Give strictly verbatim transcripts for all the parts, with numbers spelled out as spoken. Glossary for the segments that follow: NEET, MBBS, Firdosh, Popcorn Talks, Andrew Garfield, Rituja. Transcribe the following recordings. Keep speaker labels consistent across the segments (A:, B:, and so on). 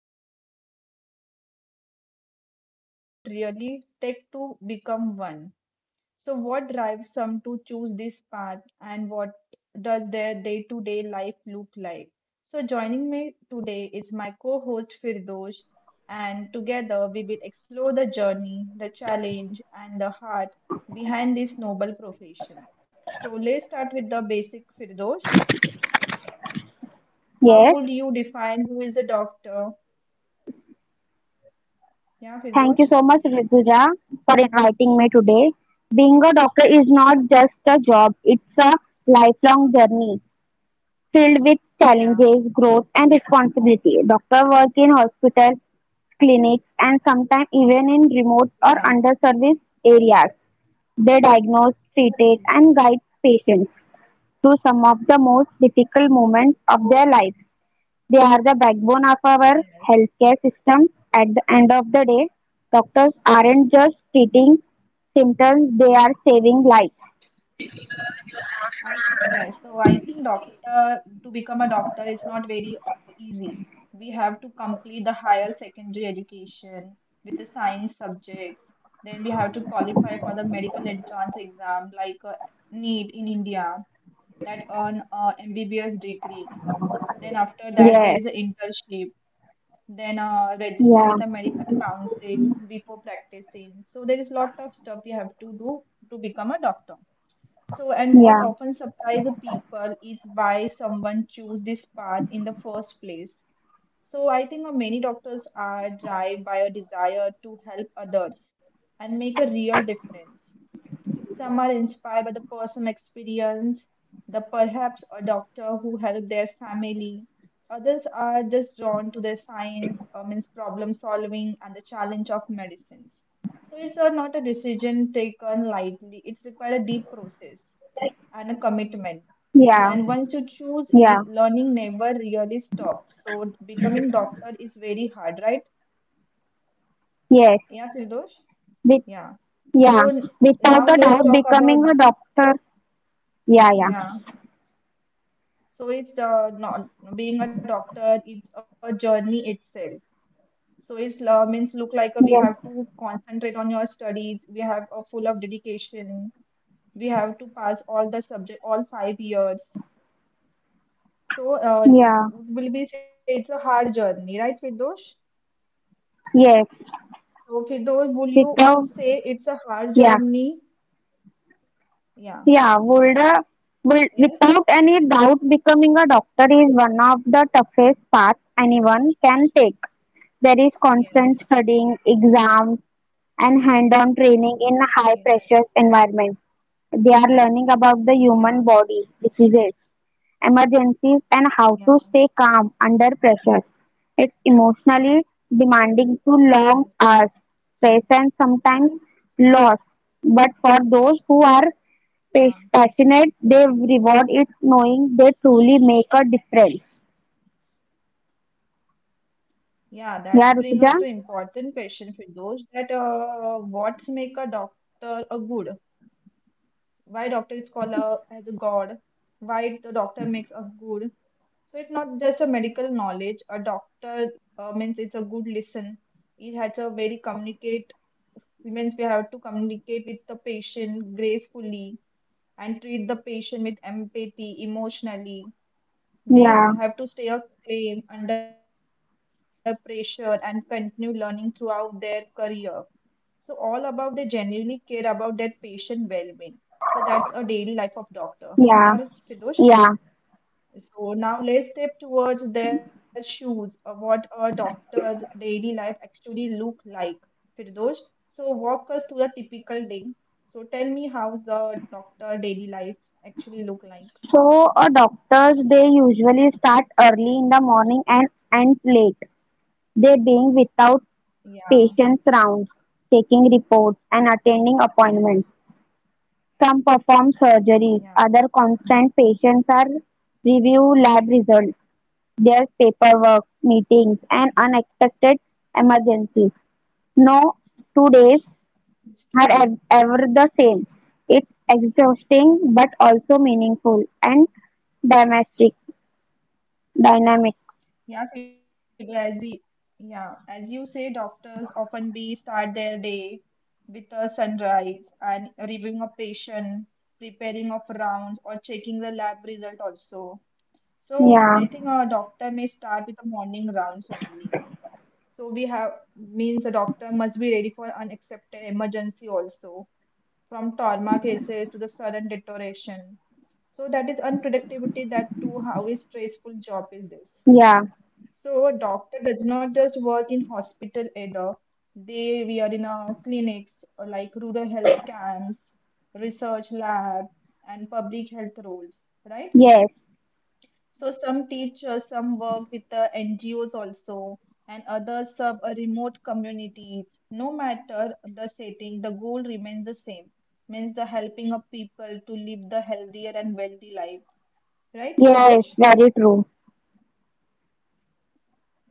A: all know doctors save lives, but what does it really take to become one? So what drives some to choose this path, and what does their day to day life look like? So joining me today is my co host Firdosh, and together we will explore the journey, the challenge, and the heart behind this noble profession. So let's start with the basic, Firdosh.
B: Yes,
A: How would you define who is a doctor? Yeah,
B: thank you so
A: Firdosh?
B: much, Rituja, for inviting me today. Being a doctor is not just
A: Yeah,
B: a job, it's a lifelong journey filled with
A: yeah,
B: challenges, growth, and responsibility. Doctor work in hospitals, clinics, and sometimes even in remote or
A: yeah,
B: underserviced areas. They diagnose, treat,
A: yes,
B: and guide patients through some of the most difficult moments of their lives. They are the backbone of our
A: yes.
B: healthcare system. At the end of the day, doctors aren't just treating symptoms, they are saving lives.
A: I th- yeah, so I think doctor to become a doctor is not very uh, easy. We have to complete the higher secondary education with the science subjects. Then we have to qualify for the medical entrance exam like uh, NEET in India that earn a M B B S degree. Then after that there
B: Yes,
A: is an internship. Then uh, register
B: yeah,
A: with the medical council before practicing. So there is lot of stuff you have to do to become a doctor. So, and what
B: yeah,
A: often surprises people is why someone chose this path in the first place. So I think uh, many doctors are driven by a desire to help others and make a real difference. Some are inspired by the personal experience, the perhaps a doctor who helped their family. Others are just drawn to the science, um, means problem solving and the challenge of medicines. So it's a, not a decision taken lightly. It's required a deep process and a commitment. So
B: yeah,
A: and once you choose
B: yeah,
A: it, learning never really stops. So becoming doctor is very hard, right?
B: yes.
A: Yeah, Firdosh?
B: With,
A: Yeah.
B: yeah,
A: So n-
B: without
A: Now
B: a
A: let's
B: doubt,
A: talk about
B: becoming a doctor. Yeah, yeah,
A: yeah. So it's uh, not being a doctor, it's a journey itself. So it's uh, means look like uh, we have
B: yes,
A: to concentrate on your studies. We have a full of dedication. We have to pass all the subject, all five years. So uh,
B: yeah,
A: it will be say it's a hard journey, right, Firdosh?
B: yes,
A: So Firdosh, will you
B: without,
A: say it's a hard
B: yeah,
A: journey? Yeah.
B: Yeah, would, uh, would
A: Yes.
B: without any doubt, becoming a doctor is one of the toughest paths anyone can take. There is
A: Yes.
B: constant studying,
A: Yeah.
B: exams, and hands-on training in a
A: Yes.
B: high-pressure environment. They are learning about the human
A: Yeah.
B: body, diseases, emergencies, and how to stay
A: Yeah.
B: calm under pressure. It's emotionally
A: Yes.
B: demanding to long hours, stress, and sometimes loss. But for those who are
A: Yeah.
B: pa- passionate, they reward it knowing they truly make a difference.
A: Yeah, that's bring
B: Yeah,
A: us to
B: Rutuja?
A: important question for those that uh, what's make a doctor a good? Why doctor is called a, as a god? Why the doctor makes a good? So it's not just a medical knowledge. A doctor uh, means it's a good listen. It has a very communicate means we have to communicate with the patient gracefully and treat the patient with empathy emotionally
B: Yeah,
A: they s- have to stay a claim under pressure and continue learning throughout their career. So all about they genuinely care about their patient well-being. So that's a daily life of doctor. Yeah,
B: yeah,
A: Fidosh.
B: yeah.
A: So now let's step towards their shoes of what a doctor's daily life actually look like. Firdosh, so walk us through the typical day. So tell me how's the doctor daily life actually look
B: So,
A: like.
B: a doctor's they usually start early in the morning and end late. They being without
A: Yeah,
B: Patients' rounds, taking reports, and attending appointments.
A: yes,
B: Some perform surgeries, other
A: yeah.
B: constant patients are review lab results. There's paperwork, meetings, and unexpected emergencies. No two days
A: It's
B: are
A: truly.
B: ev- ever the same. It's exhausting but also meaningful and domestic dynamic.
A: Yeah, Kedar, as the yeah, as you say, doctors often be start their day with a sunrise and reviewing a patient, preparing of rounds, or checking the lab result also. So
B: Yeah,
A: I think a doctor may start with the morning rounds only. So we have means a doctor must be ready for unaccepted emergency also, from trauma cases to the sudden deterioration. So that is unpredictability that too how is stressful job is this.
B: yeah,
A: So a doctor does not just work in hospital either. They we are in our clinics uh, like rural health camps, research lab, and public health roles, right?
B: yes,
A: So some teachers, some work with the N G Os also, and others serve a remote communities. No matter the setting, the goal remains the same. Means the helping of people to live the healthier and wealthy life, right,
B: yes,
A: Fidosh?
B: very true.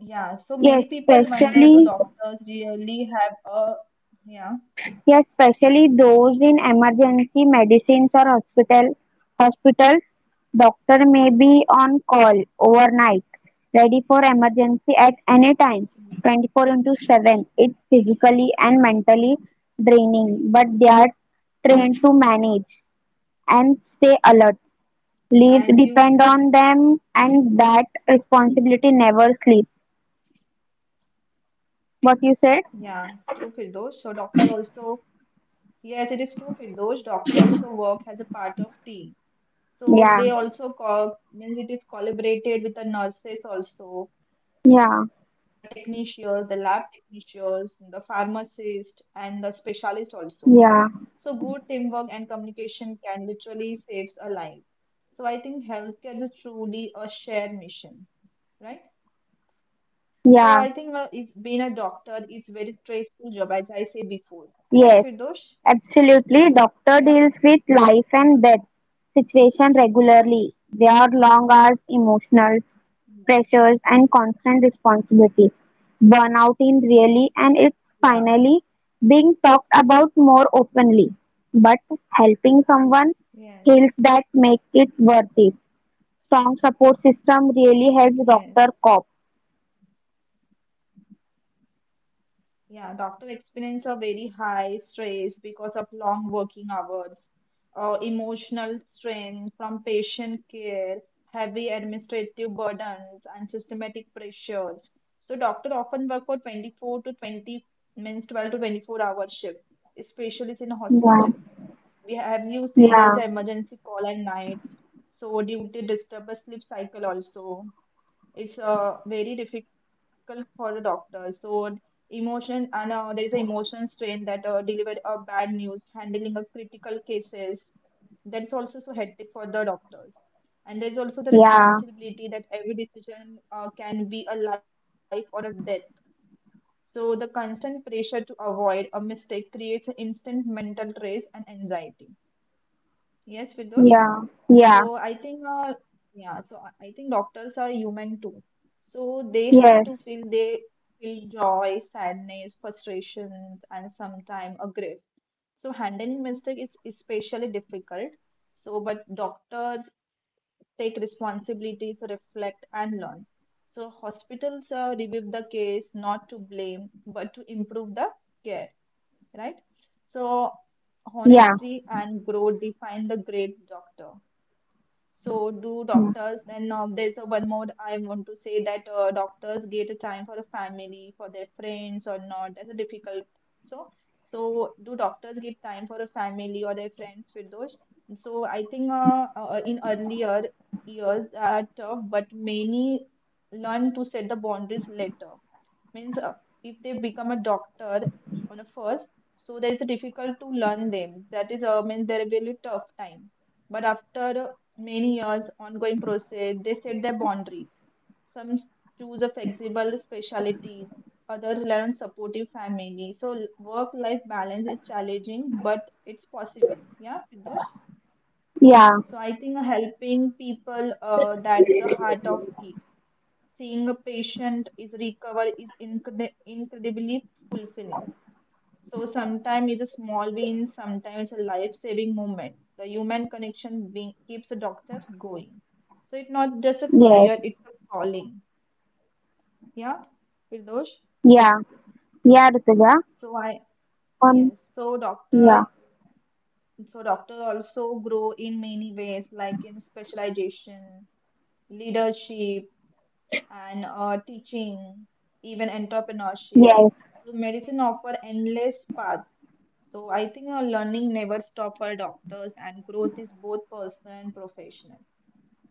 A: Yeah, so many
B: Yes,
A: people wonder do
B: especially
A: doctors really have a yeah,
B: Yes, especially those in emergency medicines or hospital hospitals, doctor may be on call overnight, ready for emergency at any
A: yeah,
B: time, twenty-four into seven. It's physically and mentally draining, but they are trained to manage and stay alert. Leaves
A: as you
B: depend
A: yeah,
B: on them, and that responsibility never sleeps. What you said?
A: yeah, it's true Firdosh. So doctor also yes, it is true Firdosh. Doctor also work as a part of team. So
B: Yeah,
A: they also co means it is collaborated with the nurses also, the
B: yeah,
A: technicians, the lab technicians, the pharmacist, and the specialist also.
B: yeah,
A: So good teamwork and communication can literally saves a life. So I think healthcare is truly a shared mission, right? So I think uh, it's
B: yeah.
A: being a doctor is very stressful job, as I say before, right, Firdosh?
B: Yes, absolutely.
A: Yeah,
B: Doctor deals with life
A: yeah,
B: and death situation regularly. They are long hours, emotional
A: yeah,
B: pressures, and constant responsibility. Burnout in really, and it's
A: yeah,
B: finally being talked about more openly. But helping someone
A: yes,
B: heals that make it worth it. Strong support system really helps
A: yes.
B: Doctor cope.
A: Yeah, doctor experience a very high stress because of long working hours, uh, emotional strain from patient care, heavy administrative burdens, and systematic pressures. So doctor often work for twenty-four to twenty means twelve to twenty-four hour shift, especially in
B: Yeah,
A: hospital. We have you say there is
B: yeah,
A: an emergency call at nights, so due to disturb the sleep cycle also it's uh, very difficult for the doctor so emotion and uh, there is an emotion strain that uh, deliver a bad news handling a critical cases that's also so hectic for the doctors and there's also the
B: yeah,
A: responsibility that every decision uh, can be a life or a death so the constant pressure to avoid a mistake creates an instant mental stress and anxiety, yes Vidosh?
B: yeah,
A: So I
B: yeah,
A: think, uh, yeah, so I I think doctors are human too. So they have to feel
B: yes,
A: they feel joy, sadness, frustrations, and sometimes a grief. So handling mistake is especially difficult. So, but doctors take responsibilities, reflect, and learn. So hospitals uh, review the case not to blame, but to improve the care, right? So
B: yeah,
A: honesty and growth define the great doctor. So do
B: yeah,
A: doctors. Then uh, there's a one more I want to say that uh, doctors get a time for a family, for their friends or not. That's a difficult. So so do doctors get time for a family or their friends with those? So I think uh, uh, in earlier years are tough, but many learn to set the boundaries later means uh, if they become a doctor on a first so there is a difficult to learn them that is uh, means there will be tough time but after many years ongoing process they set their boundaries, some choose a flexible specialties, others rely on supportive family so work life balance is challenging but it's possible, yeah Pindosh?
B: yeah.
A: So I think helping people, uh, that's the heart of it, seeing a patient is recover is incre- incredibly fulfilling. So sometimes it's a small win, sometimes a life-saving moment. The human connection being, keeps a doctor going. So it's not just a
B: Yes.
A: career, it's a calling. Yeah, Firdosh.
B: Yeah. Yeah, Rutuja.
A: So I
B: On.
A: yes. So doctor,
B: Yeah.
A: so doctor also grow in many ways, like in specialization, leadership, and uh, teaching, even
B: Yes.
A: entrepreneurship. So medicine offer endless path. So I think uh, learning never stop for doctors, and growth is both personal and professional.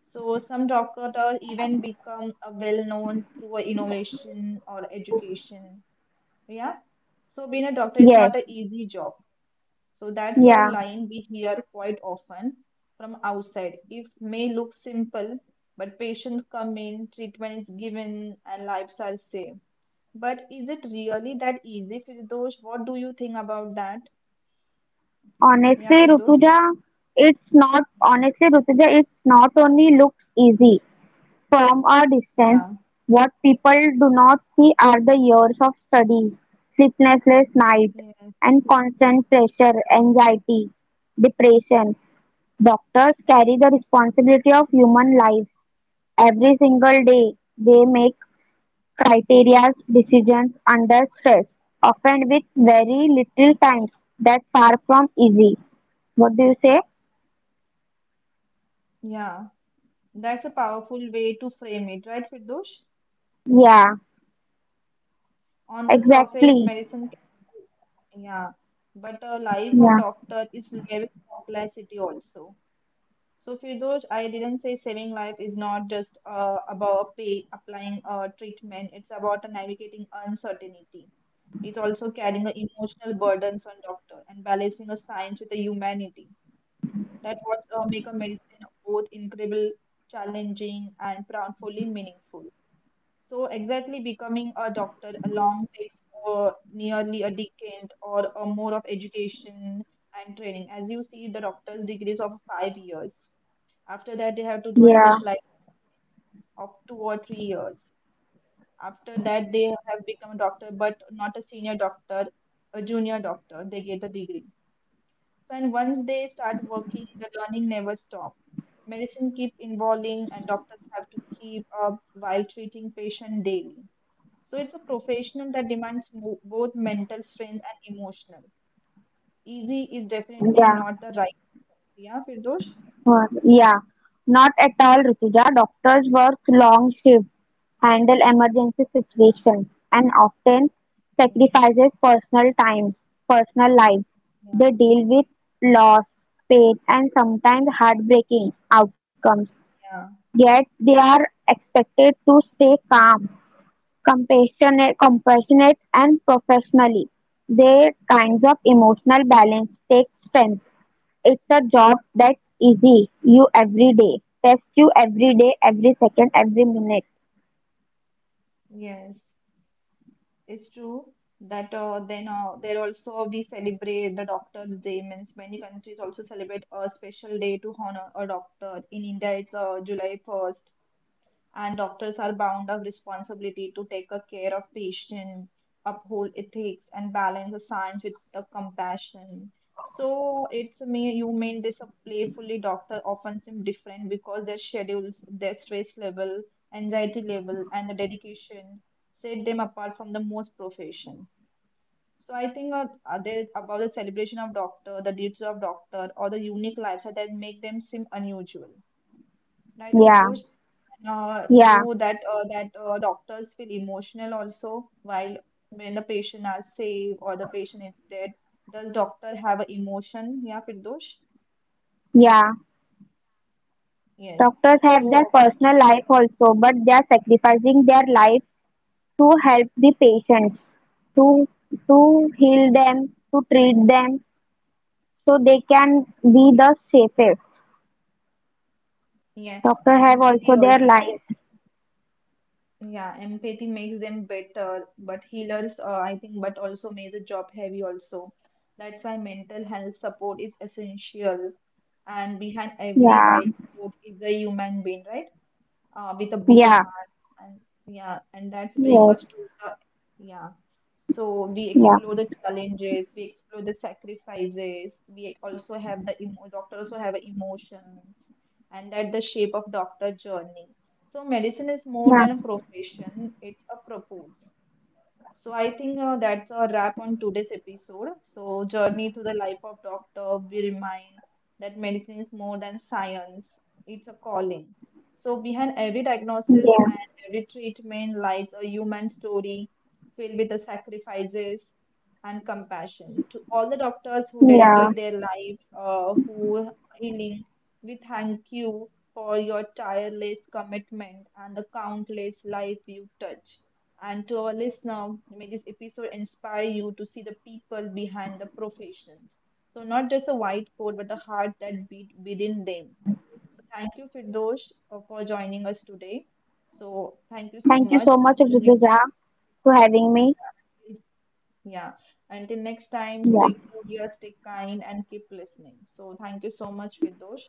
A: So some doctors even become a well known through a innovation or education. Yeah. So being a doctor, it's
B: Yes.
A: not an easy job so that's a
B: Yeah.
A: line we hear quite often from outside. If may look simple, but patients come in, treatment is given, and lives are saved. But is it really that easy, Firdosh? What do you think about that? Yeah,
B: Honestly,
A: Firdosh?
B: Rutuja, it's not. Honestly, Rutuja, it's not only looks easy from a distance.
A: Yeah.
B: What people do not see are the years of study, sleepless night,
A: Yes.
B: and constant pressure, anxiety, depression. Doctors carry the responsibility of human lives every single day. They make criteria decisions under stress, often with very little time. That's far from easy. What do you say?
A: Yeah. That's a powerful way to frame it, right, Firdosh?
B: Yeah,
A: On the surface,
B: exactly.
A: medicine can, yeah, but a life of
B: Yeah,
A: doctor is layered with complexity also. So, Firdosh, I didn't say saving life is not just uh, about pay, applying uh, treatment. It's about navigating uncertainty. It's also carrying the emotional burdens on doctor and balancing a science with a humanity. That what uh, make a medicine both incredible, challenging, and profoundly meaningful. So, exactly becoming a doctor along takes uh, nearly a decade or uh, more of education and training. As you see, the doctor's degree is of five years, after that, they have to do a
B: yeah,
A: specialized of two or three years. After that, they have become a doctor, but not a senior doctor, a junior doctor. They get a degree. So, and once they start working, the learning never stops. Medicine keep evolving, and doctors have to keep up while treating patient daily. So it's a professional that demands mo- both mental strength and emotional. Easy is definitely
B: yeah,
A: not the right. Yeah, Firdosh?
B: Uh, yeah. Not at all, Rituja. Doctors work long shifts, handle emergency
A: Yeah,
B: situations, and often
A: yeah,
B: sacrifices personal time, personal lives.
A: yeah,
B: They deal with loss, pain, and sometimes heartbreaking outcomes.
A: yeah.
B: Yet they are expected to stay calm, compassionate, compassionate and professionally. Their kinds of emotional balance take strength. It's a job that's easy. You every day. Test you every day, every second, every minute.
A: Yes. It's true that uh, then uh, there also we celebrate the Doctor's Day. Means many countries also celebrate a special day to honor a doctor. In India, it's uh, July first, and doctors are bound of responsibility to take a care of patient, uphold ethics and balance the science with the compassion. So it's me you mean this a playfully doctor often seem different because their schedules, their stress level, anxiety level, and the dedication set them apart from the most profession. So I think uh, uh, there about the celebration of doctor, the duties of doctor or the unique lifestyle that make them seem unusual. Right,
B: Yeah,
A: Firdosh? Uh,
B: yeah,
A: do that uh, that uh, doctors feel emotional also while when the patient are safe or the patient is dead. Does doctor have an emotion? Yeah, Firdosh?
B: yeah.
A: Yes.
B: Doctors have their
A: So,
B: personal life also, but they are sacrificing their life to help the patients, to to heal them, to treat them, so they can be
A: yeah,
B: the safest.
A: yeah.
B: Doctors have also
A: Empathy
B: their
A: also.
B: lives.
A: Yeah, empathy makes them better, but healers, uh, I think, but also make the job heavy also. That's why mental health support is essential, and behind every
B: Yeah,
A: white coat is a human being, right? uh, with a big
B: yeah,
A: heart and yeah and that's bring
B: yes,
A: us to the yeah so we
B: yeah,
A: explore the challenges, we explore the sacrifices, we also have the emo- doctor also have emotions, and that the shape of doctor journey. So medicine is more
B: yeah,
A: than a profession, it's a purpose. So I think uh, that's a wrap on today's episode. So journey through the life of doctor, we remind that medicine is more than science; it's a calling. So behind every
B: yeah,
A: diagnosis and every treatment lies a human story filled with the sacrifices and compassion. To all the doctors who
B: yeah.
A: dedicate their lives uh, who healing, we thank you for your tireless commitment and the countless life you touch. And to our listener, may this episode inspire you to see the people behind the professions. So, not just the white coat, but the heart that beat within them. So, thank you, Firdosh, uh, for joining us today. So, thank you so
B: Thank you
A: much.
B: so much,
A: Until next,
B: Rituja, for having me.
A: yeah. Until next time,
B: Yeah.
A: stay curious, stay kind, and keep listening. So, thank you so much, Firdosh.